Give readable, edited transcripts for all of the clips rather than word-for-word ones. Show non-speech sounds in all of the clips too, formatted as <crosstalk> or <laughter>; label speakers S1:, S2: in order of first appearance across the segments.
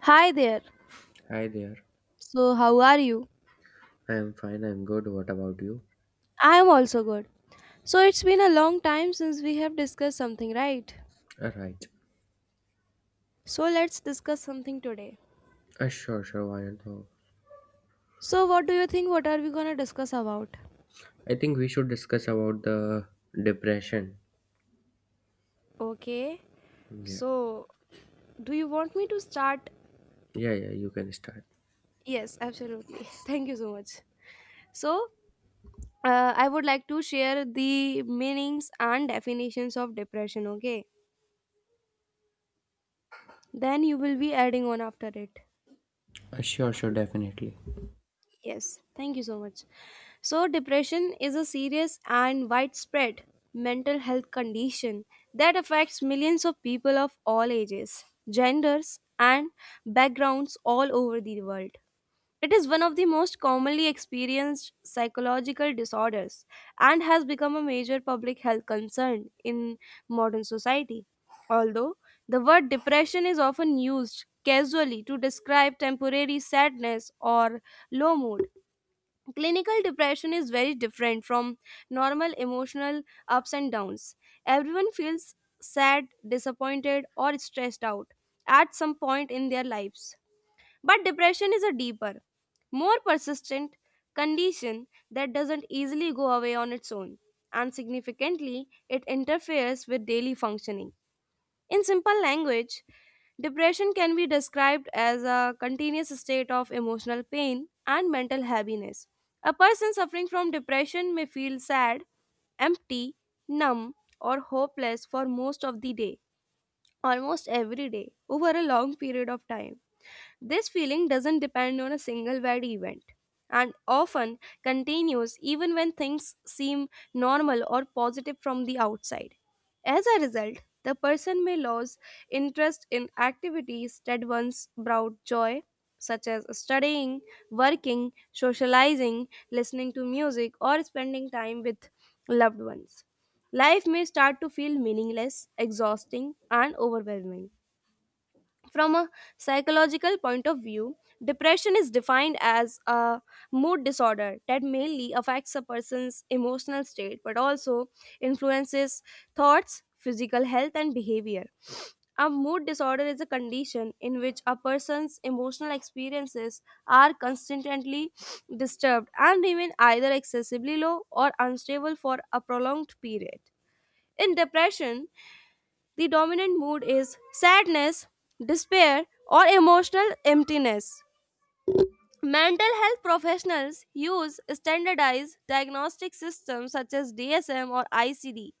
S1: Hi there.
S2: Hi there.
S1: So, how are you?
S2: I am fine. I'm good. What about you?
S1: I am also good. So, it's been a long time since we have discussed something, right?
S2: All right.
S1: So, let's discuss something today.
S2: Sure, sure. Why not? No.
S1: So, what do you think? What are we gonna discuss about?
S2: I think we should discuss about the depression.
S1: Okay.
S2: Yeah.
S1: So, do you want me to start?
S2: Yeah, yeah. You can start.
S1: Yes, absolutely. <laughs> Thank you so much. So, I would like to share the meanings and definitions of depression, okay? Then you will be adding on after it.
S2: Sure, sure. Definitely.
S1: Yes, thank you so much. So, depression is a serious and widespread mental health condition that affects millions of people of all ages, genders, and backgrounds all over the world. It is one of the most commonly experienced psychological disorders and has become a major public health concern in modern society. Although the word depression is often used casually to describe temporary sadness or low mood, clinical depression is very different from normal emotional ups and downs. Everyone feels sad, disappointed, or stressed out at some point in their lives. But depression is a deeper, more persistent condition that doesn't easily go away on its own, and significantly, it interferes with daily functioning. In simple language, depression can be described as a continuous state of emotional pain and mental heaviness. A person suffering from depression may feel sad, empty, numb, or hopeless for most of the day, almost every day, over a long period of time. This feeling doesn't depend on a single bad event and often continues even when things seem normal or positive from the outside. As a result, the person may lose interest in activities that once brought joy, such as studying, working, socializing, listening to music, or spending time with loved ones. Life may start to feel meaningless, exhausting, and overwhelming. From a psychological point of view, depression is defined as a mood disorder that mainly affects a person's emotional state but also influences thoughts, physical health, and behavior. A mood disorder is a condition in which a person's emotional experiences are constantly disturbed and remain either excessively low or unstable for a prolonged period. In depression, the dominant mood is sadness, despair, or emotional emptiness. Mental health professionals use standardized diagnostic systems such as DSM or ICD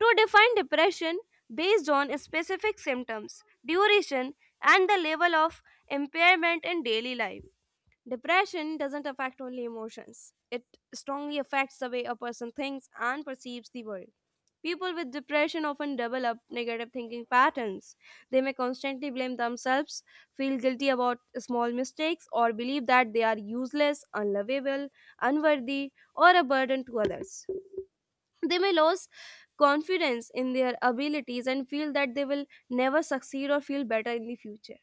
S1: to define depression based on specific symptoms, duration, and the level of impairment in daily life. Depression doesn't affect only emotions, it strongly affects the way a person thinks and perceives the world. People with depression often develop negative thinking patterns. They may constantly blame themselves, feel guilty about small mistakes, or believe that they are useless, unlovable, unworthy, or a burden to others. They may lose confidence in their abilities and feel that they will never succeed or feel better in the future.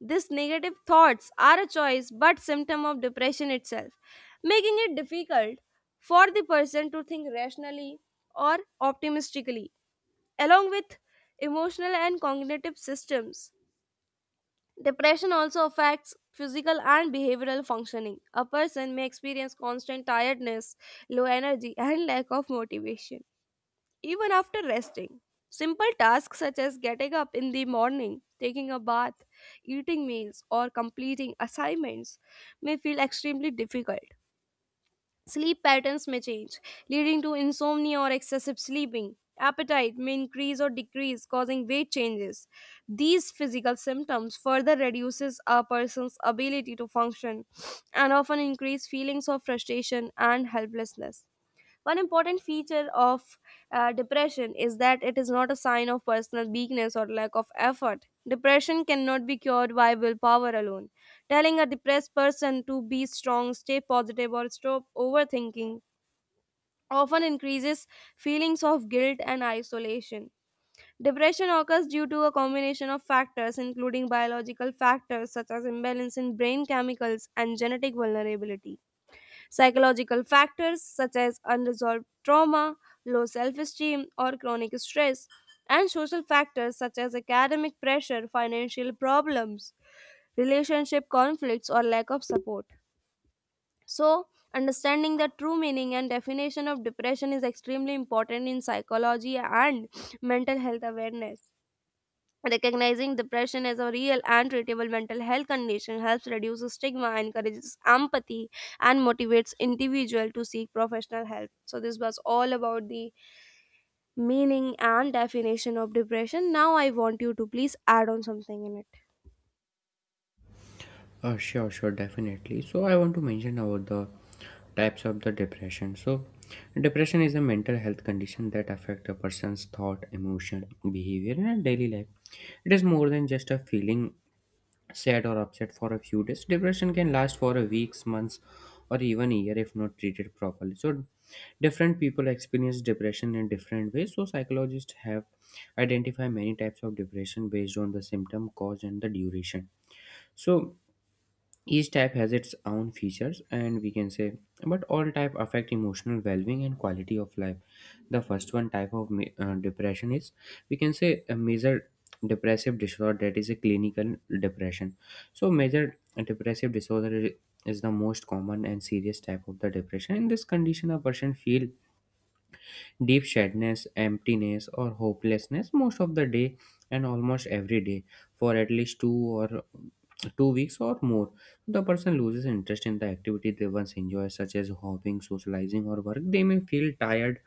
S1: These negative thoughts are a choice but symptom of depression itself, making it difficult for the person to think rationally or optimistically. Along with emotional and cognitive systems, depression also affects physical and behavioral functioning. A person may experience constant tiredness, low energy, and lack of motivation even after resting. Simple tasks such as getting up in the morning, taking a bath, eating meals, or completing assignments may feel extremely difficult. Sleep patterns may change, leading to insomnia or excessive sleeping. Appetite may increase or decrease, causing weight changes. These physical symptoms further reduces a person's ability to function and often increase feelings of frustration and helplessness. One important feature of depression is that it is not a sign of personal weakness or lack of effort. Depression cannot be cured by willpower alone. Telling a depressed person to be strong, stay positive, or stop overthinking often increases feelings of guilt and isolation. Depression occurs due to a combination of factors, including biological factors such as imbalance in brain chemicals and genetic vulnerability. Psychological factors such as unresolved trauma, low self esteem, or chronic stress, and social factors such as academic pressure, financial problems, relationship conflicts, or lack of support. So, understanding the true meaning and definition of depression is extremely important in psychology and mental health awareness. Recognizing depression as a real and treatable mental health condition helps reduce stigma, encourages empathy, and motivates individual to seek professional help. So this was all about the meaning and definition of depression. Now I want you to please add on something in it.
S2: Sure, sure. Definitely. So I want to mention about the types of the depression. So depression is a mental health condition that affect a person's thought, emotion, behavior, and daily life. It is more than just a feeling sad or upset for a few days. Depression can last for a weeks, months, or even a year if not treated properly. So different people experience depression in different ways. So psychologists have identified many types of depression based on the symptom, cause, and the duration. So each type has its own features, and we can say but all type affect emotional well-being and quality of life. The first one type of depression is, we can say, a major depressive disorder, that is a clinical depression. So major depressive disorder is the most common and serious type of the depression. In this condition, a person feel deep sadness, emptiness, or hopelessness most of the day and almost every day for at least 2 weeks or more. The person loses interest in the activity they once enjoy, such as hobbying, socializing, or work. They may feel tired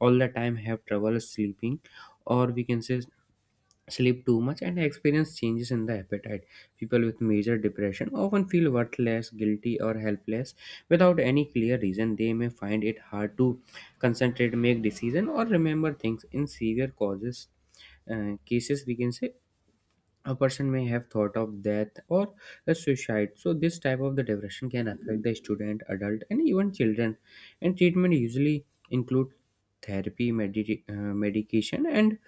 S2: all the time, have trouble sleeping, or we can say sleep too much, and experience changes in the appetite. People with major depression often feel worthless, guilty, or helpless without any clear reason. They may find it hard to concentrate, make decision, or remember things. In severe causes cases, we can say, a person may have thought of death or a suicide. So this type of the depression can affect the student, adult, and even children, and treatment usually include therapy, medication, and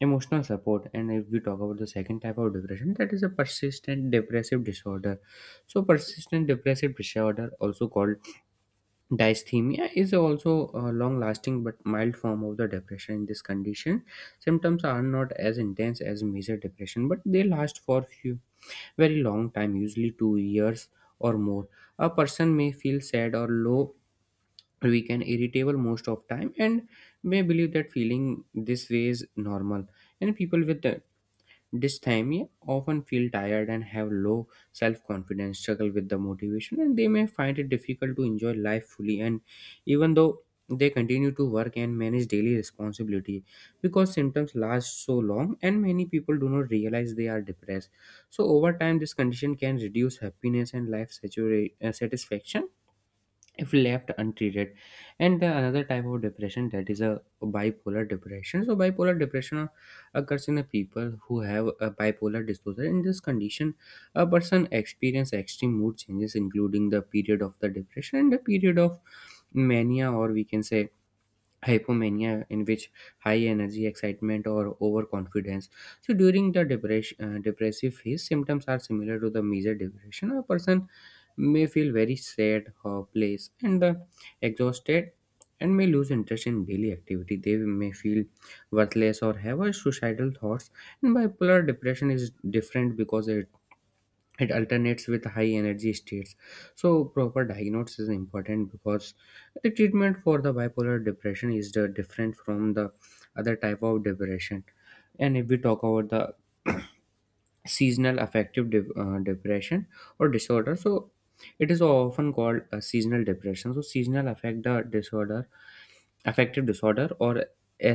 S2: emotional support. And if we talk about the second type of depression, that is a persistent depressive disorder. So persistent depressive disorder, also called dysthymia, is also a long lasting but mild form of the depression. In this condition, symptoms are not as intense as major depression, but they last for few very long time, usually 2 years or more. A person may feel sad or low, weak, and irritable most of time, and may believe that feeling this way is normal. And people with dysthymia often feel tired and have low self confidence, struggle with the motivation, and they may find it difficult to enjoy life fully. And even though they continue to work and manage daily responsibility, because symptoms last so long, and many people do not realize they are depressed. So over time this condition can reduce happiness and life satisfaction if left untreated. And the another type of depression, that is a bipolar depression. So bipolar depression occurs in the people who have a bipolar disorder. In this condition, a person experience extreme mood changes, including the period of the depression and the period of mania, or we can say hypomania, in which high energy, excitement, or overconfidence. So during the depression depressive phase, symptoms are similar to the major depression. A person may feel very sad, hopeless, and exhausted, and may lose interest in daily activity. They may feel worthless or have a suicidal thoughts. And bipolar depression is different because it alternates with high energy states. So proper diagnosis is important because the treatment for the bipolar depression is the different from the other type of depression. And if we talk about the <clears throat> seasonal affective depression or disorder, so it is often called a seasonal depression. So seasonal affective disorder, or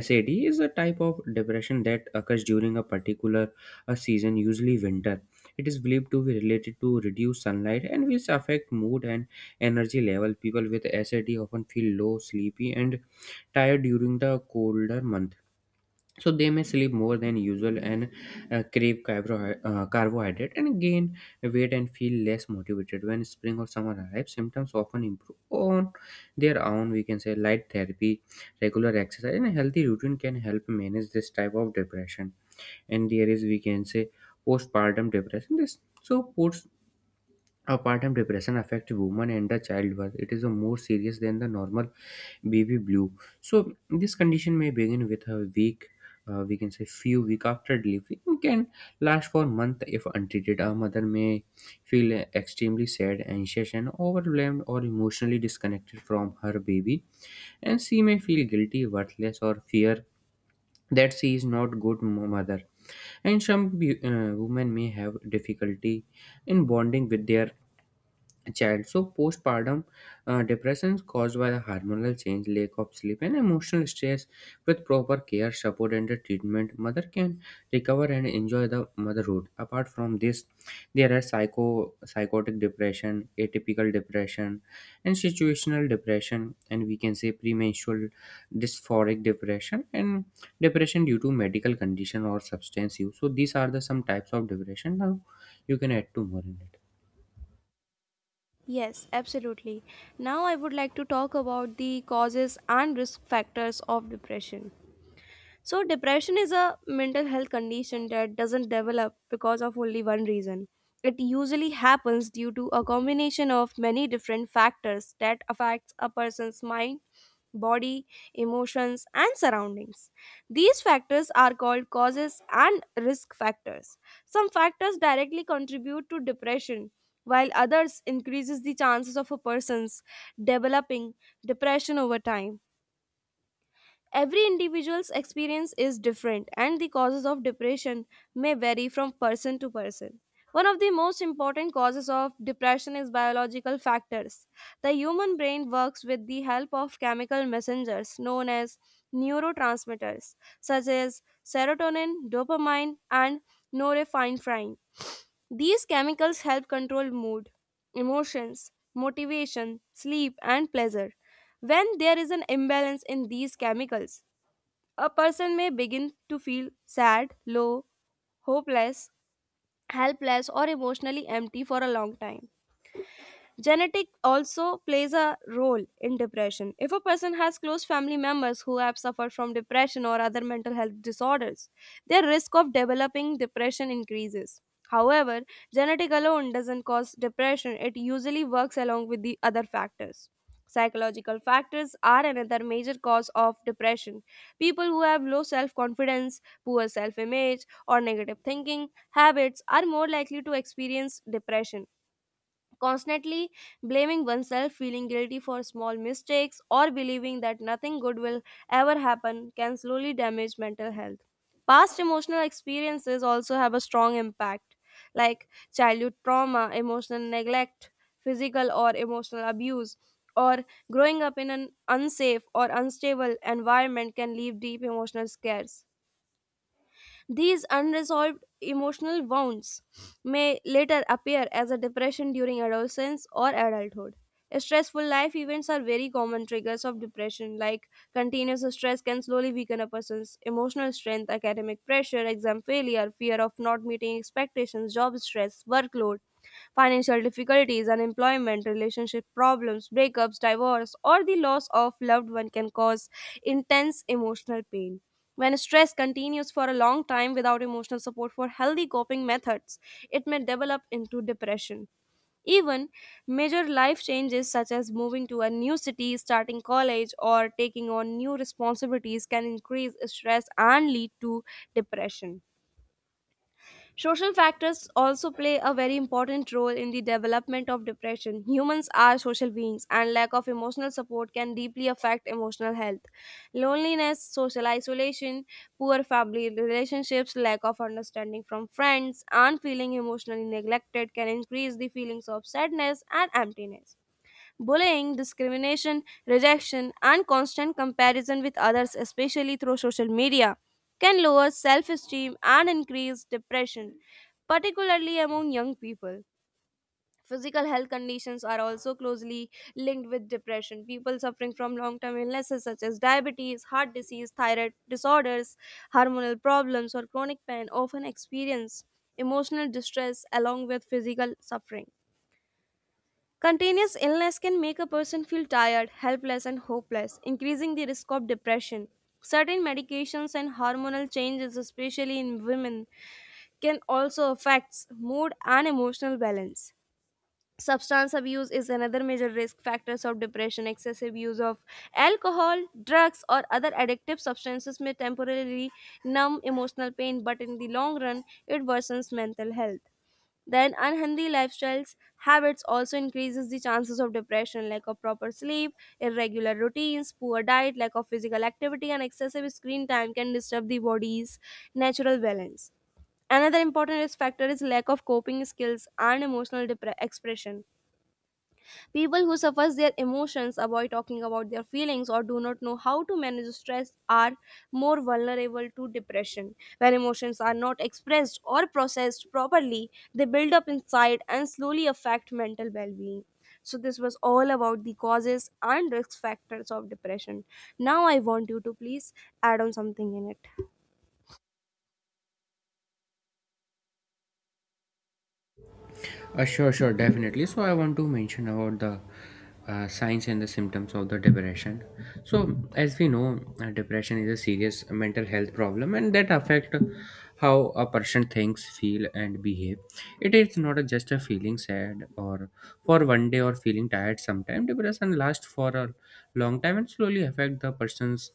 S2: sad, is a type of depression that occurs during a particular season, usually winter. It is believed to be related to reduced sunlight, and which affect mood and energy level. People with sad often feel low, sleepy, and tired during the colder month. So they may sleep more than usual, and crave carbohydrate, and gain weight, and feel less motivated. When spring or summer arrives, symptoms often improve on their own. We can say light therapy, regular exercise, and a healthy routine can help manage this type of depression. And there is, we can say, postpartum depression. This so Postpartum depression affects women and the childbirth. It is a more serious than the normal baby blue. So this condition may begin with a week, we can say few week after delivery, and can last for month if untreated. A mother may feel extremely sad, anxious, and overwhelmed or emotionally disconnected from her baby, and she may feel guilty, worthless, or fear that she is not good mother. And some women may have difficulty in bonding with their child. So postpartum depression is caused by the hormonal change, lack of sleep, and emotional stress. With proper care, support, and the treatment, mother can recover and enjoy the motherhood. Apart from this, there are psychotic depression, atypical depression, and situational depression, and we can say premenstrual dysphoric depression, and depression due to medical condition or substance use. So these are the some types of depression. Now you can add two more in it.
S1: Yes, absolutely. Now I would like to talk about the causes and risk factors of depression. So, depression is a mental health condition that doesn't develop because of only one reason. It usually happens due to a combination of many different factors that affects a person's mind body, emotions, and surroundings. These factors are called causes and risk factors. Some factors directly contribute to depression, while others increases the chances of a person's developing depression over time. Every individual's experience is different, and the causes of depression may vary from person to person. One of the most important causes of depression is biological factors. The human brain works with the help of chemical messengers known as neurotransmitters, such as serotonin, dopamine, and norepinephrine. These chemicals help control mood, emotions, motivation, sleep, and pleasure. When there is an imbalance in these chemicals, a person may begin to feel sad, low, hopeless, helpless, or emotionally empty for a long time. Genetic also plays a role in depression. If a person has close family members who have suffered from depression or other mental health disorders, their risk of developing depression increases. However, genetic alone doesn't cause depression, it usually works along with the other factors. Psychological factors are another major cause of depression. People who have low self confidence, poor self image, or negative thinking habits are more likely to experience depression. Constantly blaming oneself, feeling guilty for small mistakes, or believing that nothing good will ever happen can slowly damage mental health. Past emotional experiences also have a strong impact, like childhood trauma, emotional neglect, physical or emotional abuse, or growing up in an unsafe or unstable environment can leave deep emotional scars. These unresolved emotional wounds may later appear as a depression during adolescence or adulthood. Stressful life events are very common triggers of depression, like continuous stress can slowly weaken a person's emotional strength, academic pressure, exam failure, fear of not meeting expectations, job stress, workload, financial difficulties, unemployment, relationship problems, breakups, divorce, or the loss of loved one can cause intense emotional pain. When stress continues for a long time without emotional support for healthy coping methods, it may develop into depression. Even major life changes such as moving to a new city, starting college, or taking on new responsibilities can increase stress and lead to depression. Social factors also play a very important role in the development of depression. Humans are social beings, and lack of emotional support can deeply affect emotional health. Loneliness, social isolation, poor family relationships, lack of understanding from friends, and feeling emotionally neglected can increase the feelings of sadness and emptiness. Bullying, discrimination, rejection, and constant comparison with others, especially through social media, can lower self esteem and increase depression, particularly among young people. Physical health conditions are also closely linked with depression. People suffering from long term illnesses such as diabetes, heart disease, thyroid disorders, hormonal problems, or chronic pain often experience emotional distress along with physical suffering. Continuous illness can make a person feel tired, helpless, and hopeless, increasing the risk of depression. Certain medications and hormonal changes, especially in women, can also affect mood and emotional balance. Substance abuse is another major risk factors of depression. Excessive use of alcohol, drugs, or other addictive substances may temporarily numb emotional pain, but in the long run, it worsens mental health. Then unhealthy lifestyles habits also increases the chances of depression, like a proper sleep, irregular routines, poor diet, lack of physical activity, and excessive screen time can disturb the body's natural balance. Another important risk factor is lack of coping skills and emotional expression. People who suppress their emotions, avoid talking about their feelings, or do not know how to manage stress are more vulnerable to depression. When emotions are not expressed or processed properly, they build up inside and slowly affect mental well being. So, this was all about the causes and risk factors of depression. Now, I want you to please add on something in it.
S2: Sure, sure, definitely. So I want to mention about the signs and the symptoms of the depression. So as we know, depression is a serious mental health problem, and that affect how a person thinks, feel, and behave. It is not just a feeling sad or for one day or feeling tired. Sometimes depression lasts for a long time and slowly affect the person's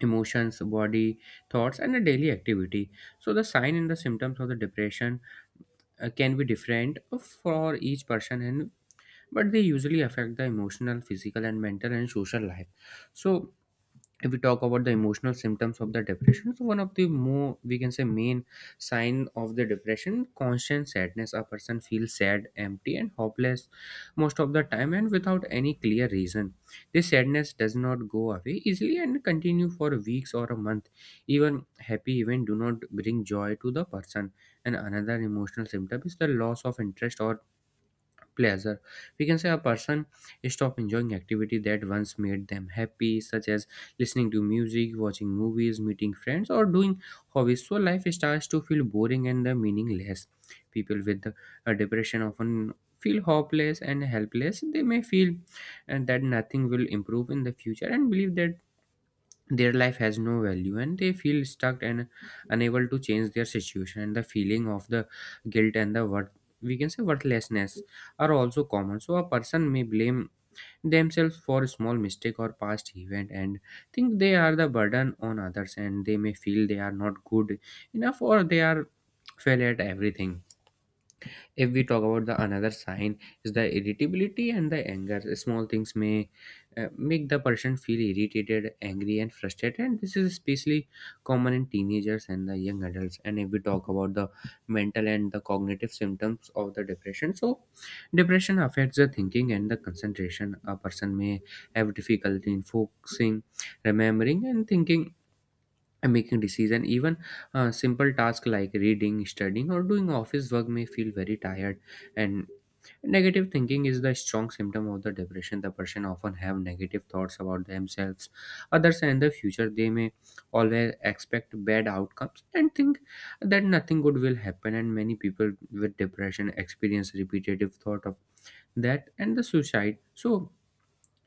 S2: emotions, body, thoughts, and the daily activity. So the sign and the symptoms of the depression can be different for each person, and but they usually affect the emotional, physical, and mental, and social life. So if we talk about the emotional symptoms of the depression, so one of the more, we can say, main sign of the depression: constant sadness. A person feels sad, empty, and hopeless most of the time and without any clear reason. This sadness does not go away easily and continue for weeks or a month. Even happy events do not bring joy to the person. And another emotional symptom is the loss of interest or pleasure. We can say a person stop enjoying activity that once made them happy, such as listening to music, watching movies, meeting friends, or doing hobbies. So life starts to feel boring and the meaningless. People with a depression often feel hopeless and helpless. They may feel and that nothing will improve in the future, and believe that their life has no value, and they feel stuck and unable to change their situation. And the feeling of the guilt and the worth, we can say worthlessness, are also common. So a person may blame themselves for a small mistake or past event, and think they are the burden on others, and they may feel they are not good enough or they are fail at everything. If we talk about the another sign, is the irritability and the anger. Small things may make the person feel irritated, angry, and frustrated. And this is especially common in teenagers and the young adults. And if we talk about the mental and the cognitive symptoms of the depression, so depression affects the thinking and the concentration. A person may have difficulty in focusing, remembering, and thinking, and making decision. Even simple tasks like reading, studying, or doing office work may feel very tired. And negative thinking is the strong symptom of the depression. The person often have negative thoughts about themselves, others, and the future. They may always expect bad outcomes and think that nothing good will happen. And many people with depression experience repetitive thought of that and the suicide. So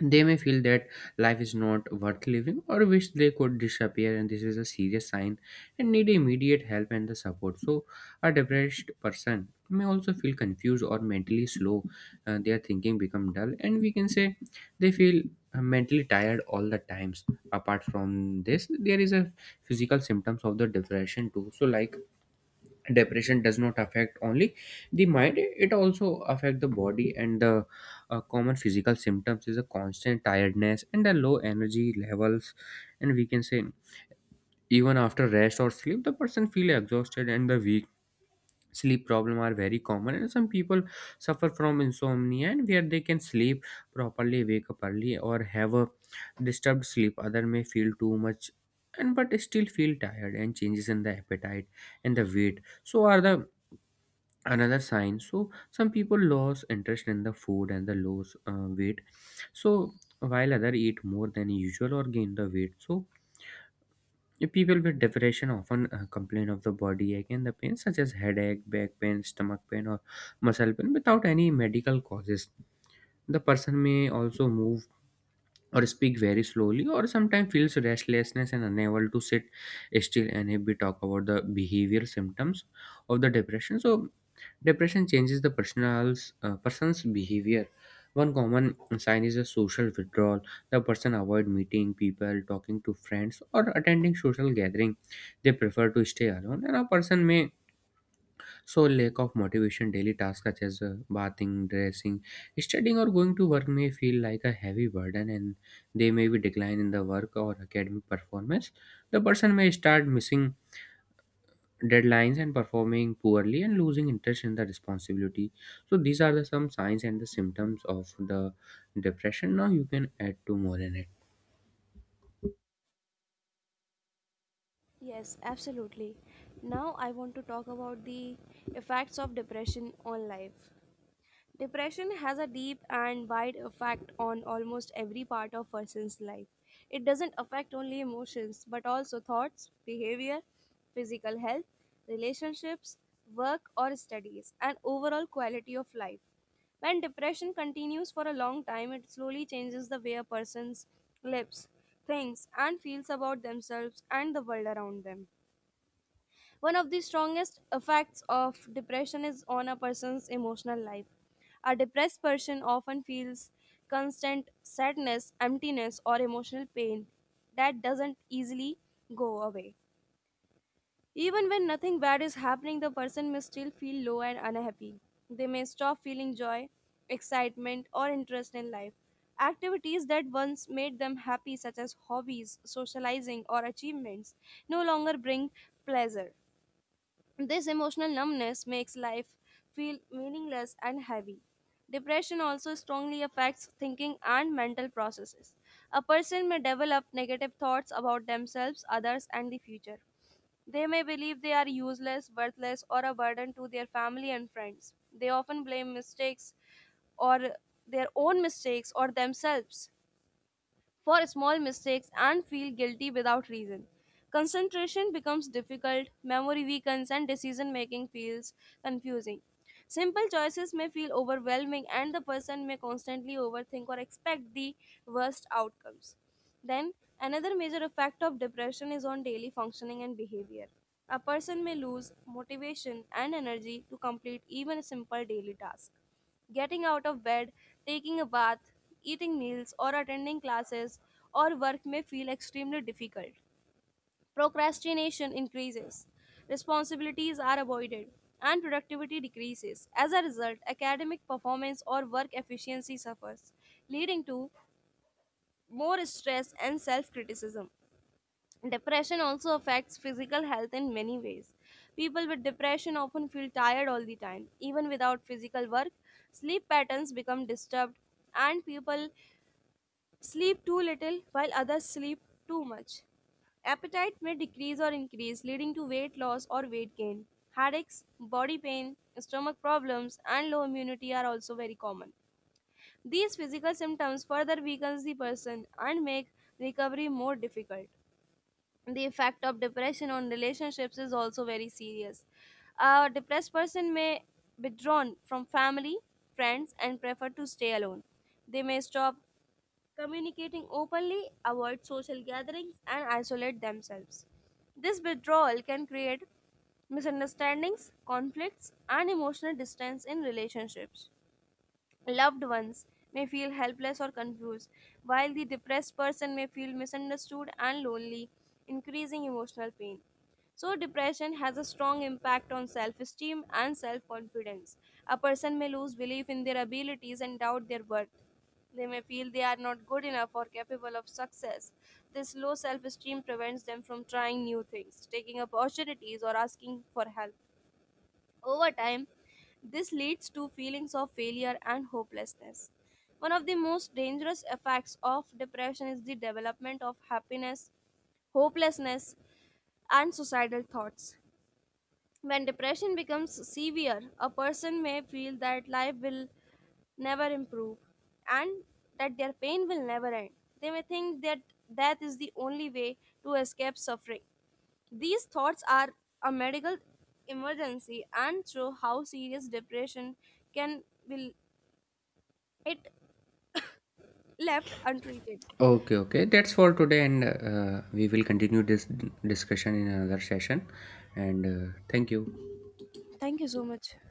S2: they may feel that life is not worth living, or wish they could disappear, and this is a serious sign and need immediate help and the support. So a depressed person may also feel confused or mentally slow. Their thinking become dull, and we can say they feel mentally tired all the times. Apart from this, there is a physical symptoms of the depression too. So like depression does not affect only the mind, it also affect the body. And the common physical symptoms is a constant tiredness and the low energy levels. And we can say even after rest or sleep, the person feel exhausted and the weak. Sleep problem are very common, and some people suffer from insomnia and where they can sleep properly, wake up early, or have a disturbed sleep. Other may feel too much and but still feel tired. And changes in the appetite and the weight so are the another sign. So some people lose interest in the food and the lose weight. So while other eat more than usual or gain the weight. So people with depression often complain of the body ache and the pain, such as headache, back pain, stomach pain, or muscle pain without any medical causes. The person may also move or speak very slowly, or sometimes feels restlessness and unable to sit still. And if we talk about the behavioral symptoms of the depression, so depression changes the person's behavior. One common sign is a social withdrawal. The person avoid meeting people, talking to friends, or attending social gathering. They prefer to stay alone, and a person may, so, lack of motivation. Daily tasks such as bathing, dressing, studying, or going to work may feel like a heavy burden, and they may be decline in the work or academic performance. The person may start missing deadlines and performing poorly and losing interest in the responsibility. So these are the some signs and the symptoms of the depression. Now you can add two more in it.
S1: Yes, absolutely. Now I want to talk about the effects of depression on life. Depression has a deep and wide effect on almost every part of person's life. It doesn't affect only emotions but also thoughts, behavior, physical health, relationships, work or studies and overall quality of life. When depression continues for a long time, it slowly changes the way a person lives, thinks, and feels about themselves and the world around them. One of the strongest effects of depression is on a person's emotional life. A depressed person often feels constant sadness, emptiness, or emotional pain that doesn't easily go away. Even when nothing bad is happening, the person may still feel low and unhappy. They may stop feeling joy, excitement, or interest in life. Activities that once made them happy, such as hobbies, socializing, or achievements, no longer bring pleasure. This emotional numbness makes life feel meaningless and heavy. Depression also strongly affects thinking and mental processes. A person may develop negative thoughts about themselves, others, and the future. They may believe they are useless, worthless, or a burden to their family and friends. They often blame mistakes or their own mistakes or themselves for small mistakes and feel guilty without reason. Concentration becomes difficult, memory weakens, and decision making feels confusing. Simple choices may feel overwhelming, and the person may constantly overthink or expect the worst outcomes. Then, another major effect of depression is on daily functioning and behavior. A person may lose motivation and energy to complete even simple daily tasks. Getting out of bed, taking a bath, eating meals, or attending classes or work may feel extremely difficult. Procrastination increases, responsibilities are avoided, and productivity decreases. As a result, academic performance or work efficiency suffers, leading to more stress and self criticism. Depression also affects physical health in many ways. People with depression often feel tired all the time, even without physical work. Sleep patterns become disturbed, and people sleep too little while others sleep too much. Appetite may decrease or increase, leading to weight loss or weight gain. Headaches, body pain, stomach problems, and low immunity are also very common. These physical symptoms further weakens the person and make recovery more difficult. The effect of depression on relationships is also very serious. A depressed person may withdraw from family, friends, and prefer to stay alone. They may stop communicating openly, avoid social gatherings, and isolate themselves. This withdrawal can create misunderstandings, conflicts, and emotional distance in relationships. Loved ones may feel helpless or confused, while the depressed person may feel misunderstood and lonely, increasing emotional pain. So, depression has a strong impact on self esteem and self confidence. A person may lose belief in their abilities and doubt their worth. They may feel they are not good enough or capable of success. This low self esteem prevents them from trying new things, taking opportunities, or asking for help. Over time, this leads to feelings of failure and hopelessness. One of the most dangerous effects of depression is the development of happiness, hopelessness, and suicidal thoughts. When depression becomes severe, a person may feel that life will never improve and that their pain will never end. They may think that death is the only way to escape suffering. These thoughts are a medical emergency and show how serious depression can be it left untreated.
S2: Okay, okay, that's for today, and we will continue this discussion in another session. And thank you.
S1: Thank you so much.